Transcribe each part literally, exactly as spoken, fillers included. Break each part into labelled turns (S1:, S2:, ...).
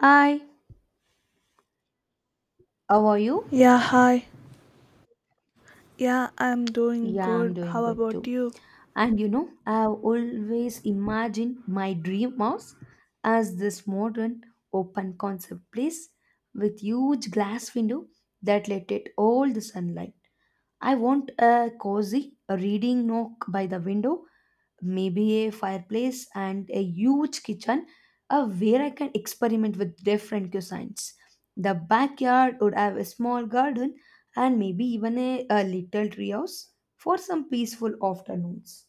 S1: Hi, how are you?
S2: Yeah, hi. Yeah, I'm doing
S1: Yeah, I'm
S2: good.
S1: doing
S2: How
S1: good
S2: about
S1: too.
S2: you?
S1: And you know, I've always imagined my dream house as this modern open concept place with huge glass window that let in all the sunlight. I want a cozy reading nook by the window, maybe a fireplace and a huge kitchen, uh, where I can experiment with different cuisines. The backyard would have a small garden and maybe even a, a little treehouse for some peaceful afternoons.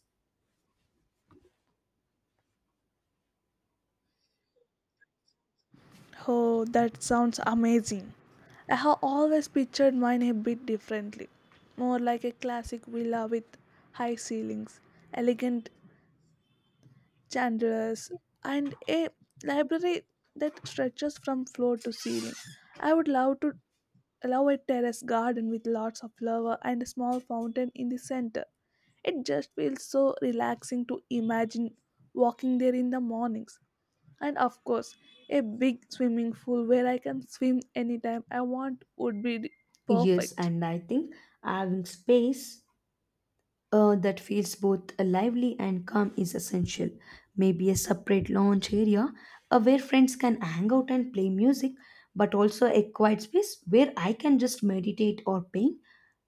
S2: Oh, that sounds amazing. I have always pictured mine a bit differently. More like a classic villa with high ceilings, elegant chandeliers, and a library that stretches from floor to ceiling. I would love to allow a terrace garden with lots of flower and a small fountain in the center. It just feels so relaxing to imagine walking there in the mornings. And of course, a big swimming pool where I can swim anytime I want would be
S1: Yes,
S2: perfect.
S1: and I think having space, uh, that feels both lively and calm is essential. Maybe a separate lounge area, uh, where friends can hang out and play music, but also a quiet space where I can just meditate or paint.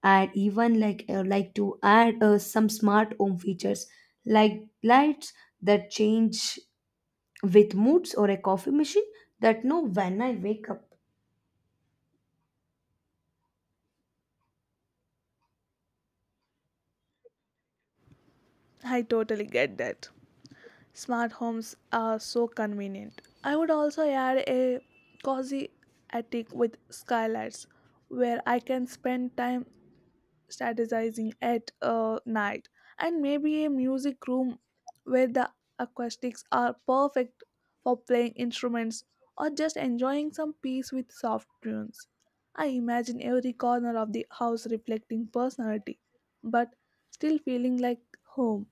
S1: I'd even like uh, like to add, uh, some smart home features like lights that change with moods or a coffee machine that know when I wake up.
S2: I totally get that. Smart homes are so convenient. I would also add a cozy attic with skylights where I can spend time strategizing at uh, night and maybe a music room where the acoustics are perfect for playing instruments or just enjoying some peace with soft tunes. I imagine every corner of the house reflecting personality but still feeling like home.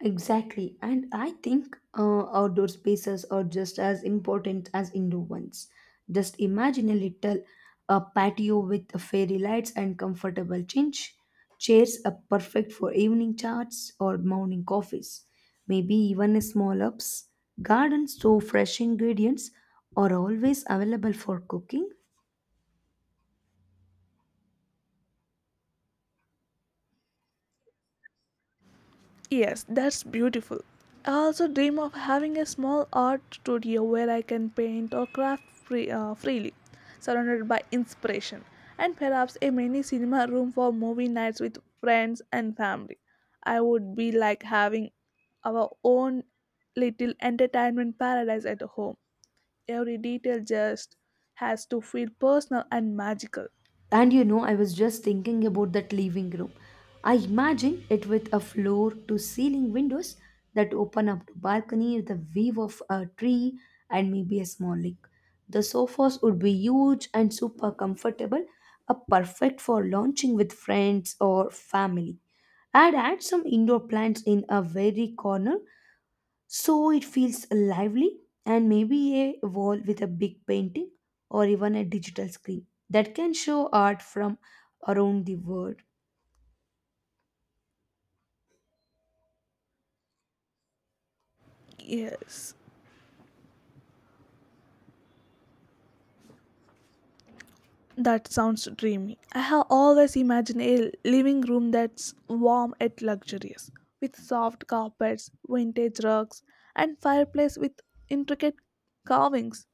S1: Exactly, and I think, uh, outdoor spaces are just as important as indoor ones. Just imagine a little a patio with fairy lights and comfortable chinch chairs are perfect for evening chats or morning coffees. Maybe even a small ups. Garden, so fresh ingredients are always available for cooking.
S2: Yes, that's beautiful. I also dream of having a small art studio where I can paint or craft free, uh, freely, surrounded by inspiration, and perhaps a mini cinema room for movie nights with friends and family. I would be like having our own little entertainment paradise at home. Every detail just has to feel personal and magical.
S1: And you know, I was just thinking about that living room. I imagine it with a floor to ceiling windows that open up to balcony with a view of a tree and maybe a small lake. The sofas would be huge and super comfortable, a perfect for launching with friends or family. I'd add some indoor plants in a very corner so it feels lively, and maybe a wall with a big painting or even a digital screen that can show art from around the world.
S2: Yes. That sounds dreamy. I have always imagined a living room that's warm yet luxurious, with soft carpets, vintage rugs, and fireplace with intricate carvings.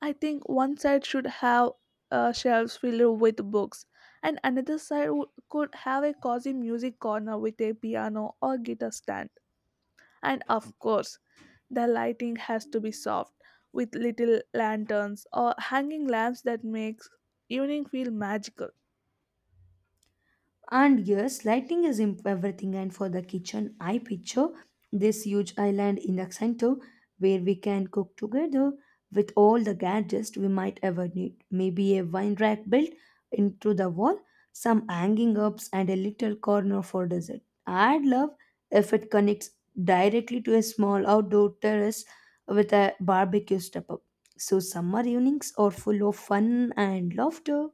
S2: I think one side should have uh, shelves filled with books, and another side w- could have a cozy music corner with a piano or guitar stand. And of course, the lighting has to be soft with little lanterns or hanging lamps that makes evening feel magical.
S1: And yes, lighting is imp- everything. And for the kitchen, I picture this huge island in the center where we can cook together with all the gadgets we might ever need. Maybe a wine rack built into the wall, some hanging ups, and a little corner for dessert. I'd love if it connects directly to a small outdoor terrace with a barbecue step up. So, summer evenings are full of fun and laughter.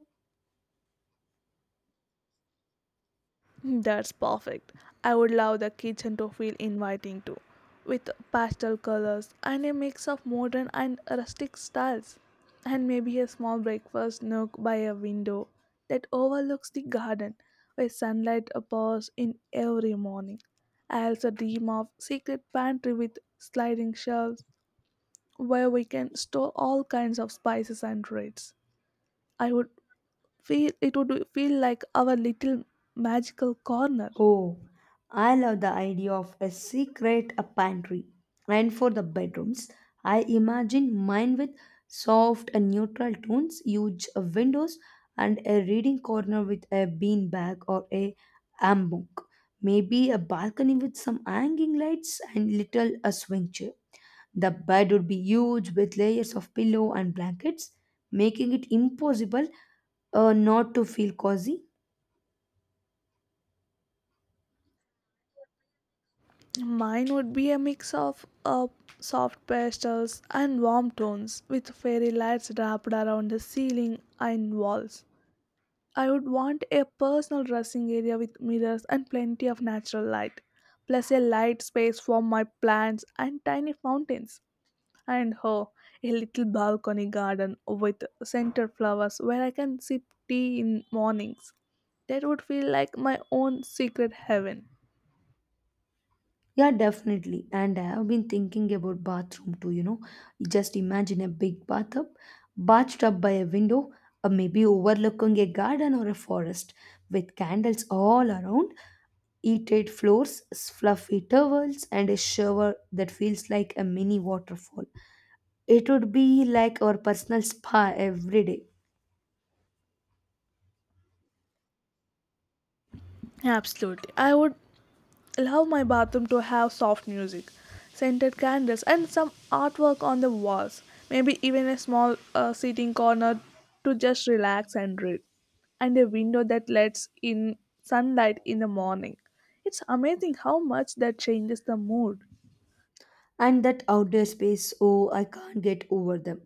S2: Hmm, That's perfect. I would love the kitchen to feel inviting too, with pastel colors and a mix of modern and rustic styles, and maybe a small breakfast nook by a window that overlooks the garden where sunlight pours in every morning. I also dream of secret pantry with sliding shelves where we can store all kinds of spices and treats. I would feel it would feel like our little magical corner.
S1: Oh, I love the idea of a secret a pantry. And for the bedrooms, I imagine mine with soft and neutral tones, huge windows, and a reading corner with a bean bag or a hammock. Maybe a balcony with some hanging lights and little a swing chair. The bed would be huge with layers of pillow and blankets, making it impossible, uh, not to feel cozy.
S2: Mine would be a mix of uh, soft pastels and warm tones with fairy lights wrapped around the ceiling and walls. I would want a personal dressing area with mirrors and plenty of natural light, plus a light space for my plants and tiny fountains. And oh, a little balcony garden with center flowers where I can sip tea in mornings. That would feel like my own secret heaven.
S1: Yeah, definitely. And I have been thinking about bathroom too, you know. Just imagine a big bathtub, bathtub by a window, or maybe overlooking a garden or a forest, with candles all around, heated floors, fluffy towels, and a shower that feels like a mini waterfall. It would be like our personal spa every day.
S2: I would love my bathroom to have soft music, scented candles, and some artwork on the walls. Maybe even a small uh, sitting corner to just relax and read, and a window that lets in sunlight in the morning. It's amazing how much that changes the mood.
S1: And that outdoor space, oh, I can't get over them.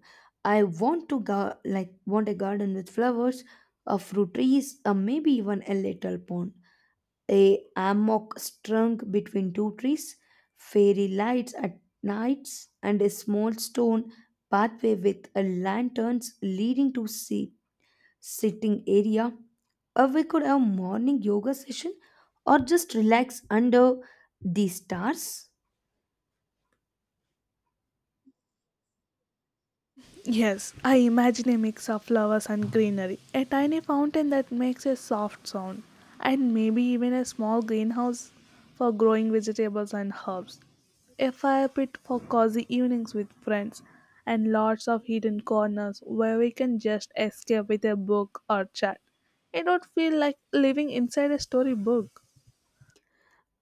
S1: I want to go like want a garden with flowers, a fruit trees, or maybe even a little pond, a hammock strung between two trees, fairy lights at nights, and a small stone pathway with a lanterns leading to sea sitting area, or we could have morning yoga session or just relax under the stars.
S2: Yes, I imagine a mix of flowers and greenery, a tiny fountain that makes a soft sound, and maybe even a small greenhouse for growing vegetables and herbs, a fire pit for cozy evenings with friends, and lots of hidden corners where we can just escape with a book or chat. It would feel like living inside a storybook.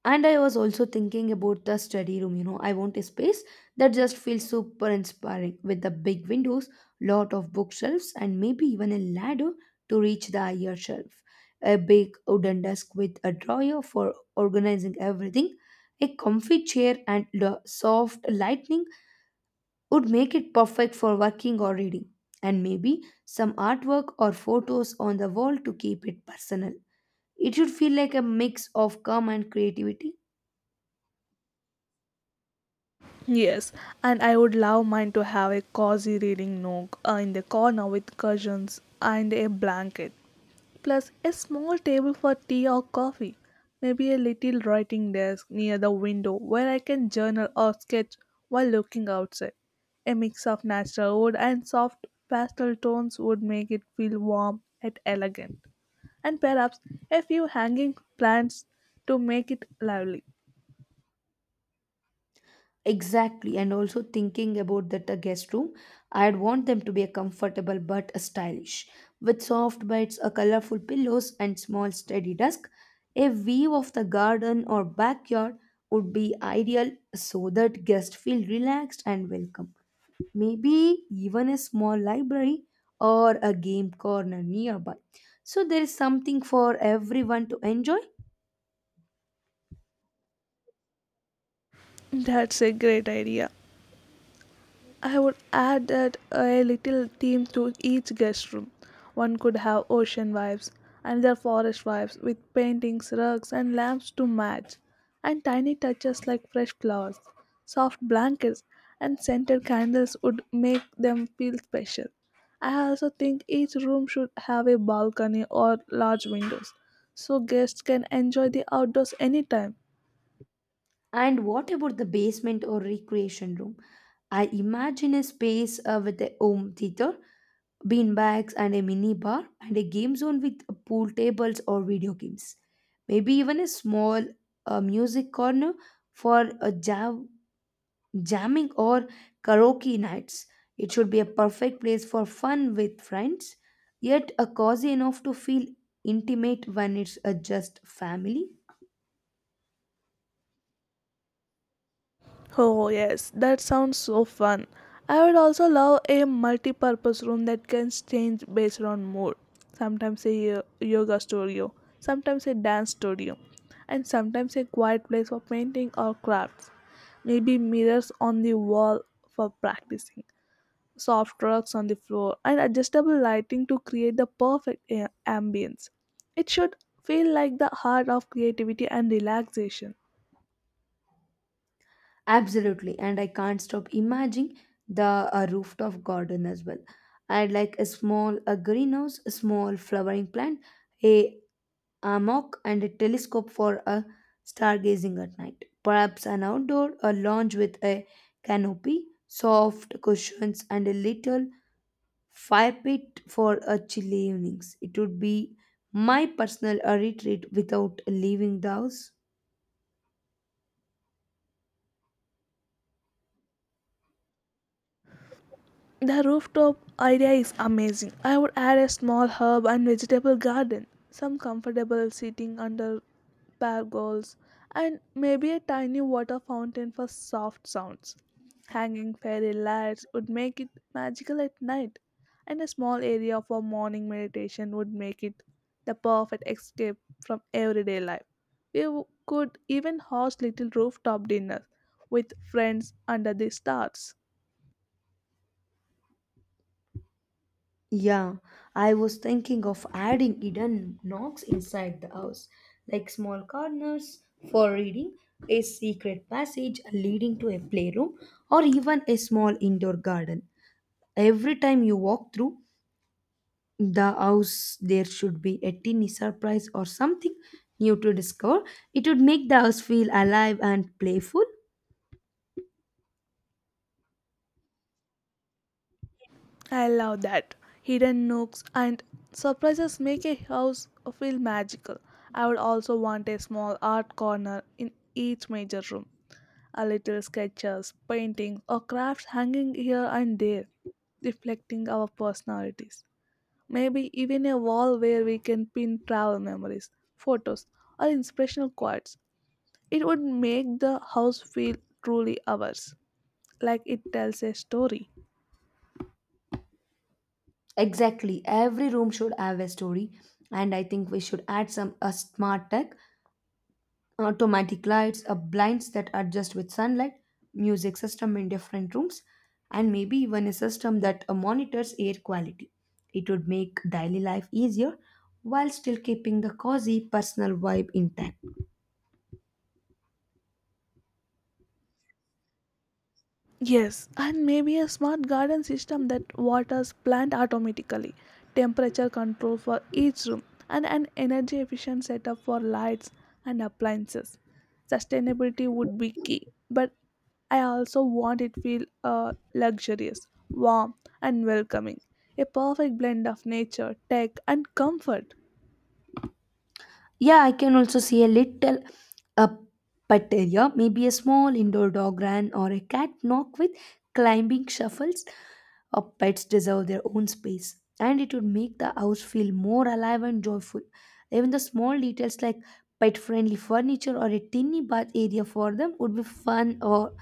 S1: And I was also thinking about the study room. you know, I want a space that just feels super inspiring with the big windows, lot of bookshelves, and maybe even a ladder to reach the higher shelf. A big wooden desk with a drawer for organizing everything, a comfy chair, and the soft lighting would make it perfect for working or reading. And maybe some artwork or photos on the wall to keep it personal. It should feel like a mix of calm and creativity.
S2: Yes, and I would love mine to have a cozy reading nook uh, in the corner with cushions and a blanket, plus a small table for tea or coffee, maybe a little writing desk near the window where I can journal or sketch while looking outside. A mix of natural wood and soft pastel tones would make it feel warm and elegant, and perhaps a few hanging plants to make it lively.
S1: Exactly, and also thinking about that, uh, guest room, I'd want them to be a comfortable but a stylish, with soft beds, a colorful pillows, and small steady desk. A view of the garden or backyard would be ideal so that guests feel relaxed and welcome. Maybe even a small library or a game corner nearby. So there is something for everyone to enjoy.
S2: That's a great idea. I would add that a little theme to each guest room. One could have ocean vibes, another forest vibes with paintings, rugs, and lamps to match, and tiny touches like fresh flowers, soft blankets, and scented candles would make them feel special. I also think each room should have a balcony or large windows so guests can enjoy the outdoors anytime.
S1: And what about the basement or recreation room? I imagine a space, uh, with a home theater, beanbags, and a mini bar, and a game zone with pool tables or video games. Maybe even a small, uh, music corner for a jam- jamming or karaoke nights. It should be a perfect place for fun with friends, yet a cozy enough to feel intimate when it's, uh, just family.
S2: Oh, yes, that sounds so fun. I would also love a multi purpose room that can change based on mood. Sometimes a yo- yoga studio, sometimes a dance studio, and sometimes a quiet place for painting or crafts. Maybe mirrors on the wall for practicing, soft rugs on the floor, and adjustable lighting to create the perfect a- ambience. It should feel like the heart of creativity and relaxation.
S1: Absolutely, and I can't stop imagining the, uh, rooftop garden as well. I'd like a small a greenhouse, a small flowering plant, a hammock, and a telescope for a stargazing at night. Perhaps an outdoor a lounge with a canopy, soft cushions, and a little fire pit for a chilly evenings. It would be my personal, uh, retreat without leaving the house.
S2: The rooftop idea is amazing. I would add a small herb and vegetable garden, some comfortable seating under pergolas, and maybe a tiny water fountain for soft sounds. Hanging fairy lights would make it magical at night, and a small area for morning meditation would make it the perfect escape from everyday life. We w- could even host little rooftop dinners with friends under the stars.
S1: Yeah, I was thinking of adding hidden knocks inside the house, like small corners for reading, a secret passage leading to a playroom, or even a small indoor garden. Every time you walk through the house, there should be a teeny surprise or something new to discover. It would make the house feel alive and playful.
S2: I love that. Hidden nooks and surprises make a house feel magical. I would also want a small art corner in each major room. A little sketches, paintings, or crafts hanging here and there, reflecting our personalities. Maybe even a wall where we can pin travel memories, photos, or inspirational quotes. It would make the house feel truly ours, like it tells a story.
S1: Exactly, every room should have a story, and I think we should add some a smart tech automatic lights, uh, blinds that adjust with sunlight, music system in different rooms, and maybe even a system that, uh, monitors air quality. It would make daily life easier while still keeping the cozy personal vibe intact.
S2: Yes, and maybe a smart garden system that waters plant automatically, temperature control for each room, and an energy efficient setup for lights and appliances. Sustainability would be key, but I also want it feel uh, luxurious, warm, and welcoming. A perfect blend of nature, tech, and comfort.
S1: Yeah, I can also see a little a pet area, maybe a small indoor dog run or a cat knock with climbing shuffles. Uh, pets deserve their own space, and it would make the house feel more alive and joyful. Even the small details like pet-friendly furniture or a tiny bath area for them would be fun or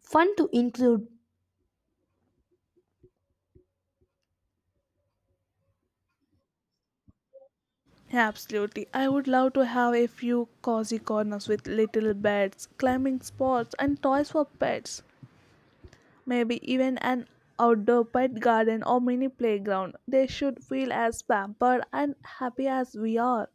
S1: fun to include.
S2: Absolutely. I would love to have a few cozy corners with little beds, climbing spots, and toys for pets. Maybe even an outdoor pet garden or mini playground. They should feel as pampered and happy as we are,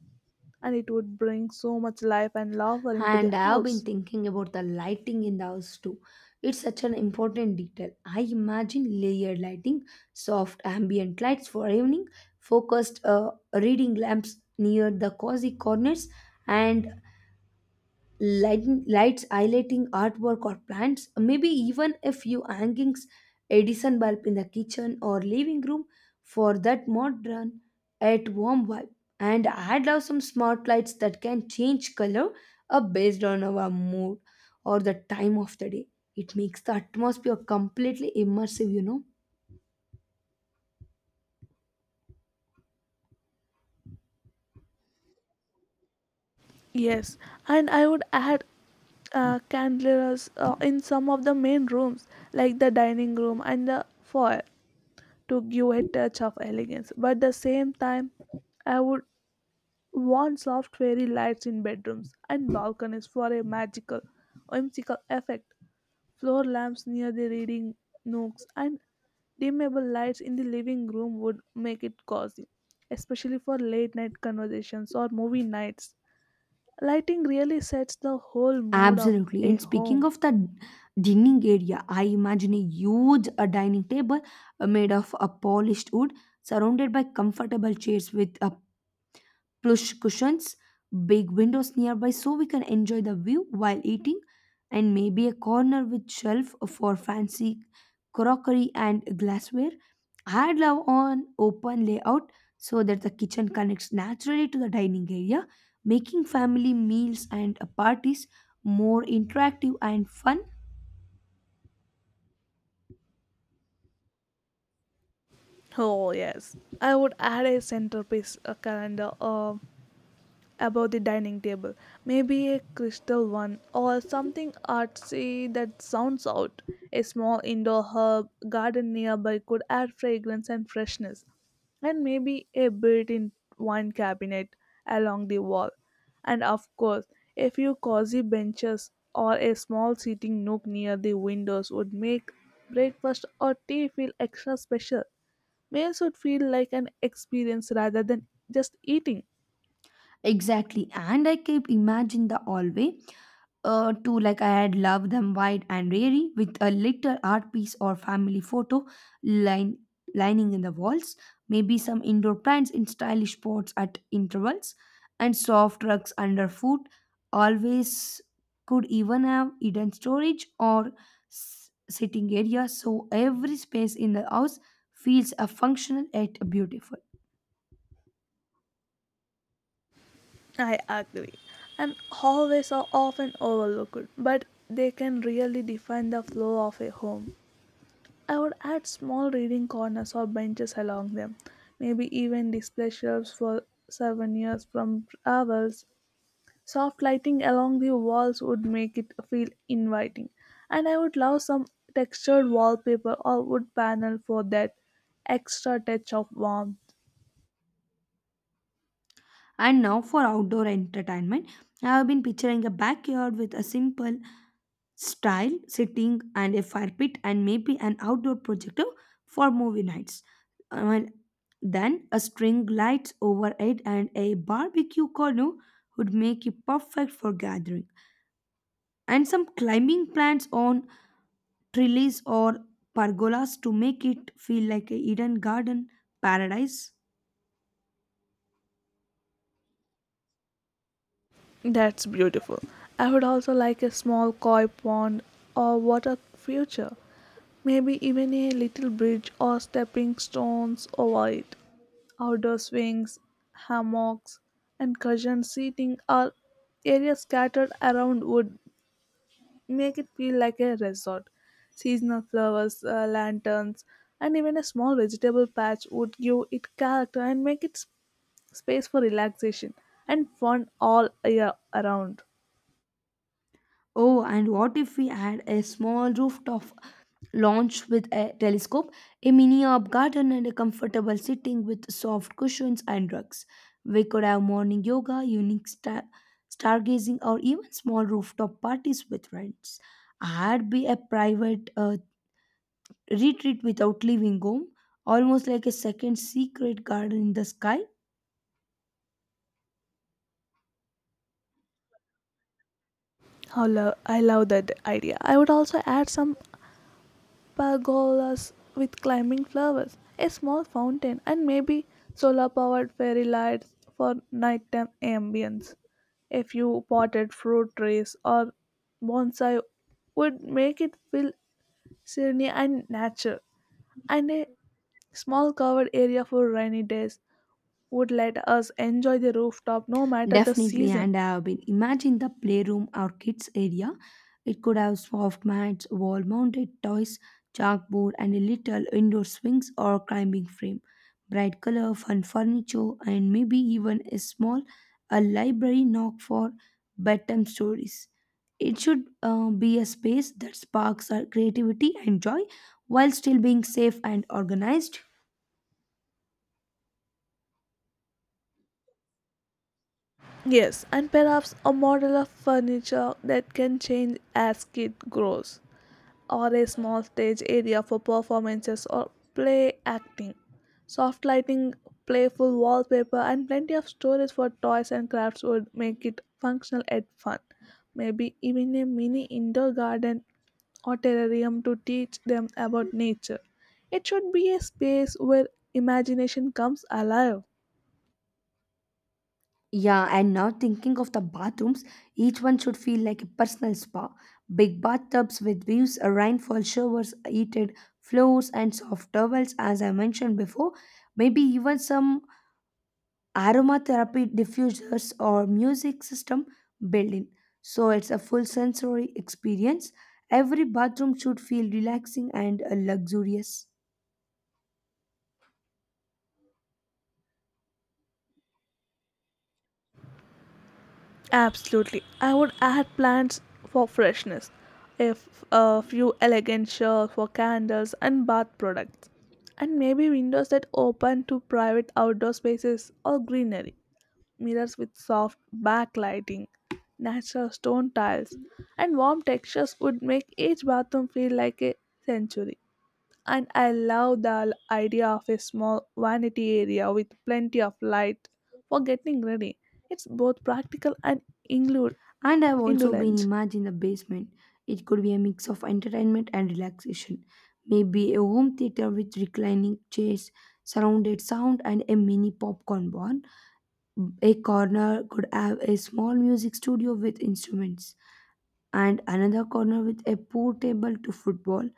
S2: and it would bring so much life and laughter into the
S1: And I have been
S2: house.
S1: thinking about the lighting in the house too. It's such an important detail. I imagine layered lighting, soft ambient lights for evening, focused, uh, reading lamps near the cozy corners, and lighting, lights highlighting artwork or plants, maybe even a few hangings, Edison bulb in the kitchen or living room for that modern at warm vibe. And I'd love some smart lights that can change color up based on our mood or the time of the day. It makes the atmosphere completely immersive, you know.
S2: Yes, and I would add uh, candelabras uh, in some of the main rooms, like the dining room and the foyer, to give a touch of elegance. But at the same time, I would warm soft fairy lights in bedrooms and balconies for a magical, whimsical effect. Floor lamps near the reading nooks and dimmable lights in the living room would make it cozy, especially for late night conversations or movie nights. Lighting really sets the whole mood of
S1: Absolutely.
S2: a
S1: And speaking
S2: home.
S1: of the dining area, I imagine a huge, uh, dining table, uh, made of, uh, polished wood surrounded by comfortable chairs with a plush cushions, big windows nearby so we can enjoy the view while eating, and maybe a corner with shelf for fancy crockery and glassware. I'd love an open layout so that the kitchen connects naturally to the dining area, making family meals and, uh, parties more interactive and fun.
S2: Oh, yes. I would add a centerpiece, a calendar, a above the dining table. Maybe a crystal one or something artsy that sounds out. A small indoor herb garden nearby could add fragrance and freshness. And maybe a built in wine cabinet along the wall. And of course, a few cozy benches or a small seating nook near the windows would make breakfast or tea feel extra special. Meals would feel like an experience rather than just eating.
S1: Exactly, and I keep imagining the hallway, uh, to like I had loved them wide and airy with a little art piece or family photo line lining in the walls, maybe some indoor plants in stylish pots at intervals, and soft rugs underfoot. Always could even have hidden storage or s- sitting area, so every space in the house feels a functional yet beautiful.
S2: I agree. And hallways are often overlooked, but they can really define the flow of a home. I would add small reading corners or benches along them, maybe even display shelves for souvenirs from travels. Soft lighting along the walls would make it feel inviting, and I would love some textured wallpaper or wood panel for that extra touch of warmth.
S1: And now for outdoor entertainment, I have been picturing a backyard with a simple style, sitting, and a fire pit, and maybe an outdoor projector for movie nights. Uh, well, then a string lights overhead and a barbecue corner would make it perfect for gathering. And some climbing plants on trellis or pergolas to make it feel like a Eden garden paradise.
S2: That's beautiful. I would also like a small koi pond or water feature. Maybe even a little bridge or stepping stones over it. Outdoor swings, hammocks, and cushion seating are areas scattered around would make it feel like a resort. Seasonal flowers, uh, lanterns, and even a small vegetable patch would give it character and make it s- space for relaxation and fun all year around.
S1: Oh, and what if we had a small rooftop launched with a telescope, a mini herb garden, and a comfortable sitting with soft cushions and rugs. We could have morning yoga, unique star- stargazing, or even small rooftop parties with friends. I'd be a private, uh, retreat without leaving home, almost like a second secret garden in the sky.
S2: How lo- I love that idea. I would also add some pergolas with climbing flowers, a small fountain, and maybe solar powered fairy lights for nighttime ambience. A few potted fruit trees or bonsai would make it feel serene and natural. And a small covered area for rainy days would let us enjoy the rooftop no matter the
S1: Definitely,
S2: season.
S1: and I have been imagine the playroom or kids area. It could have soft mats, wall-mounted toys, chalkboard, and a little indoor swings or climbing frame. Bright color, fun furniture, and maybe even a small a library nook for bedtime stories. It should, uh, be a space that sparks our creativity and joy while still being safe and organized.
S2: Yes, and perhaps a model of furniture that can change as it grows, or a small stage area for performances or play acting, soft lighting, playful wallpaper, and plenty of storage for toys and crafts would make it functional and fun. Maybe even a mini indoor garden or terrarium to teach them about nature. It should be a space where imagination comes alive.
S1: Yeah, and now thinking of the bathrooms, each one should feel like a personal spa. Big bathtubs with views, uh, rainfall showers, heated floors, and soft towels, as I mentioned before. Maybe even some aromatherapy diffusers or music system built in. So it's a full sensory experience. Every bathroom should feel relaxing and, uh, luxurious.
S2: Absolutely. I would add plants for freshness, a f- a few elegant shelves for candles and bath products, and maybe windows that open to private outdoor spaces or greenery, mirrors with soft backlighting, natural stone tiles, and warm textures would make each bathroom feel like a sanctuary. And I love the l- idea of a small vanity area with plenty of light for getting ready. It's both practical and inglu-
S1: And I've also been
S2: indolent.
S1: imagining the basement. It could be a mix of entertainment and relaxation. Maybe a home theater with reclining chairs, surrounded sound, and a mini popcorn barn. A corner could have a small music studio with instruments, and another corner with a portable to football.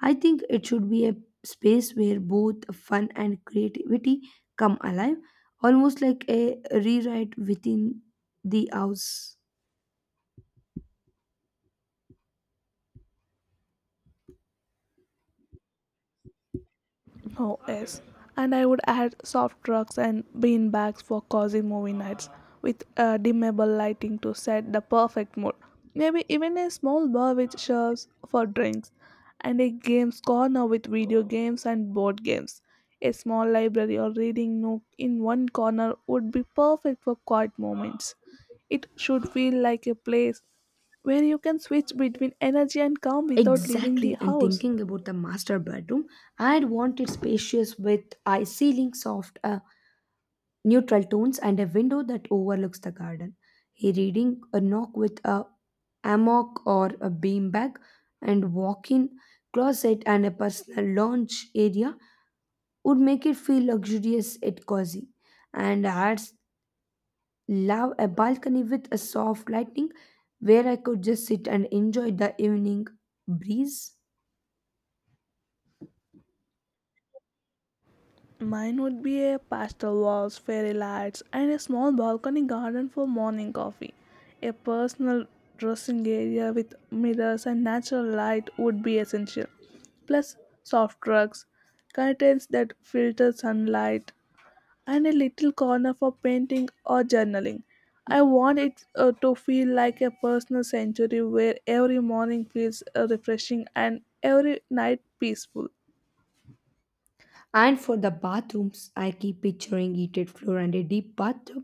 S1: I think it should be a space where both fun and creativity come alive, almost like a rewrite within the house.
S2: Oh, yes. And I would add soft trucks and bean bags for cozy movie nights with uh, dimmable lighting to set the perfect mood. Maybe even a small bar which serves for drinks and a games corner with video games and board games. A small library or reading nook in one corner would be perfect for quiet moments. It should feel like a place where you can switch between energy and calm without leaving the
S1: Exactly, and
S2: house.
S1: thinking about the master bedroom, I'd want it spacious with a ceiling, soft, uh, neutral tones, and a window that overlooks the garden. A reading, a knock with a hammock or a beanbag, and walk-in closet and a personal lounge area would make it feel luxurious yet cozy. And I'd love a balcony with a soft lighting where I could just sit and enjoy the evening breeze.
S2: Mine would be a pastel walls, fairy lights, and a small balcony garden for morning coffee. A personal dressing area with mirrors and natural light would be essential. Plus, soft rugs, curtains that filter sunlight, and a little corner for painting or journaling. I want it uh, to feel like a personal sanctuary where every morning feels uh, refreshing and every night peaceful.
S1: And for the bathrooms, I keep picturing heated floor and a deep bathtub,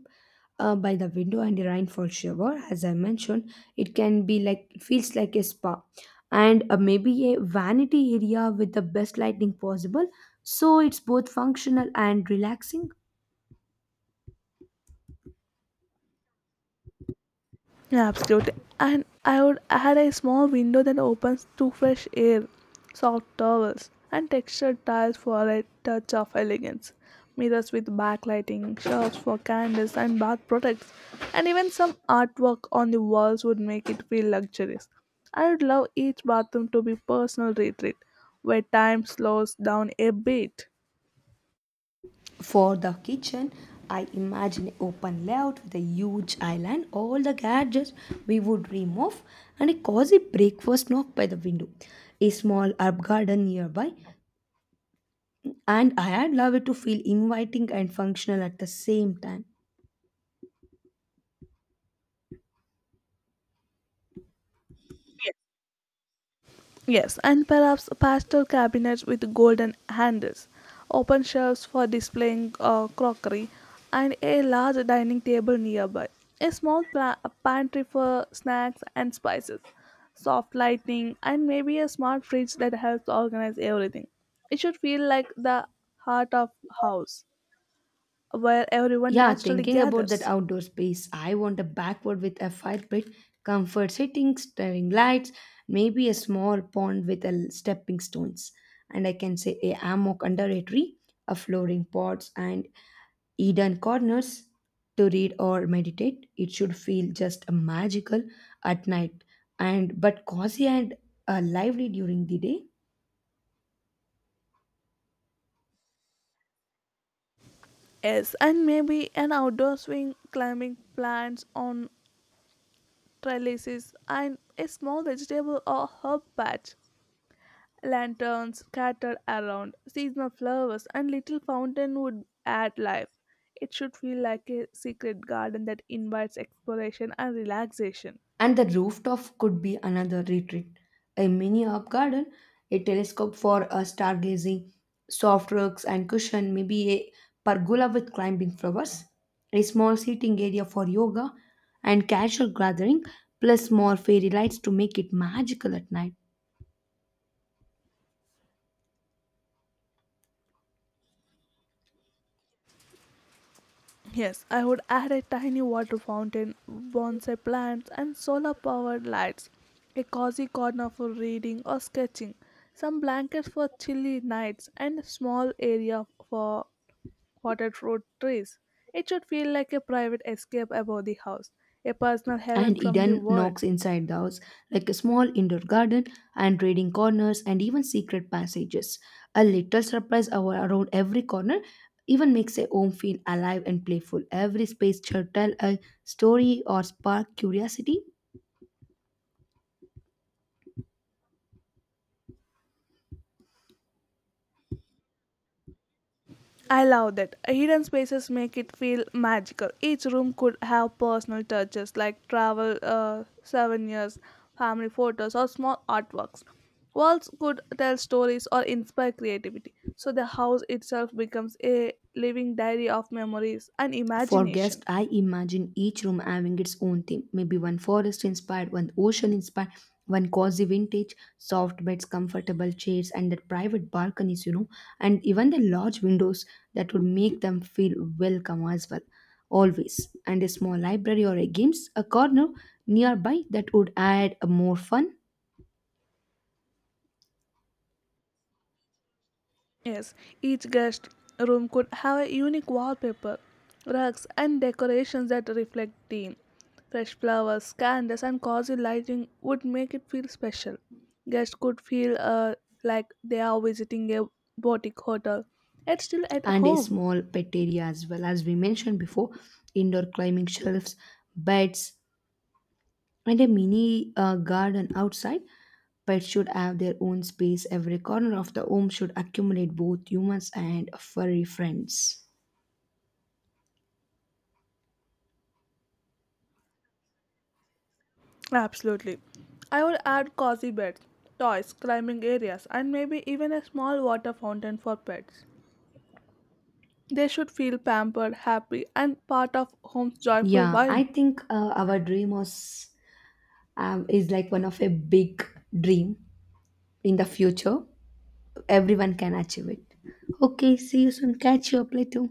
S1: uh, by the window and a rainfall shower. As I mentioned, it can be like it feels like a spa, and, uh, maybe a vanity area with the best lighting possible. So it's both functional and relaxing.
S2: Yeah, absolutely. And I would add a small window that opens to fresh air, soft towels, and textured tiles for a touch of elegance. Mirrors with backlighting, shelves for candles and bath products, and even some artwork on the walls would make it feel luxurious. I would love each bathroom to be personal retreat, where time slows down a bit.
S1: For the kitchen, I imagine an open layout with a huge island, all the gadgets we would remove, and a cozy breakfast nook by the window. A small herb garden nearby, and I had love it to feel inviting and functional at the same time.
S2: Yes, and perhaps pastel cabinets with golden handles, open shelves for displaying uh, crockery, and a large dining table nearby. A small pla- pantry for snacks and spices, soft lighting, and maybe a smart fridge that helps organize everything. It should feel like the heart of house where everyone
S1: Yeah,
S2: naturally
S1: thinking about that
S2: gathers.
S1: outdoor space, I want a backward with a fire pit, comfort sitting, staring lights, maybe a small pond with a l- stepping stones. And I can say a hammock under a tree, a flooring pots and Eden corners to read or meditate. It should feel just magical at night and but cozy and, uh, lively during the day.
S2: Yes, and maybe an outdoor swing climbing plants on trellises, and a small vegetable or herb patch. Lanterns scattered around, seasonal flowers, and little fountain would add life. It should feel like a secret garden that invites exploration and relaxation.
S1: And the rooftop could be another retreat. A mini herb garden, a telescope for a stargazing, soft rugs and cushion, maybe a pergola with climbing flowers, a small seating area for yoga and casual gathering, plus more fairy lights to make it magical at night.
S2: Yes, I would add a tiny water fountain, bonsai plants, and solar powered lights, a cozy corner for reading or sketching, some blankets for chilly nights, and a small area for potted fruit trees. It should feel like a private escape above the house, a personal heaven
S1: And
S2: from the
S1: hidden
S2: world.
S1: knocks inside the house, like a small indoor garden and reading corners and even secret passages. A little surprise our- around every corner even makes a home feel alive and playful. Every space should tell a story or spark curiosity.
S2: I love that. Hidden spaces make it feel magical. Each room could have personal touches like travel uh, souvenirs, family photos, or small artworks. Walls could tell stories or inspire creativity, so the house itself becomes a living diary of memories and
S1: For
S2: imagination.
S1: guests, I imagine each room having its own theme. Maybe one forest inspired, one ocean inspired, one cozy vintage, soft beds, comfortable chairs, and the private balconies, you know, and even the large windows that would make them feel welcome as well. Always. And a small library or a games, a corner nearby that would add a more fun.
S2: Yes, each guest room could have a unique wallpaper, rugs, and decorations that reflect theme. Fresh flowers, candles, and cozy lighting would make it feel special. Guests could feel uh, like they are visiting a boutique hotel, yet still at
S1: And a
S2: home.
S1: small pet area as well. As we mentioned before, indoor climbing shelves, beds, and a mini, uh, garden outside. Pets should have their own space. Every corner of the home should accommodate both humans and furry friends.
S2: Absolutely. I would add cozy beds, toys, climbing areas, and maybe even a small water fountain for pets. They should feel pampered, happy, and part of home's joyful
S1: Yeah, I
S2: vibe.
S1: think, uh, our dream was, um, is like one of a big dream in the future. Everyone can achieve it. Okay, see you soon. Catch you up later.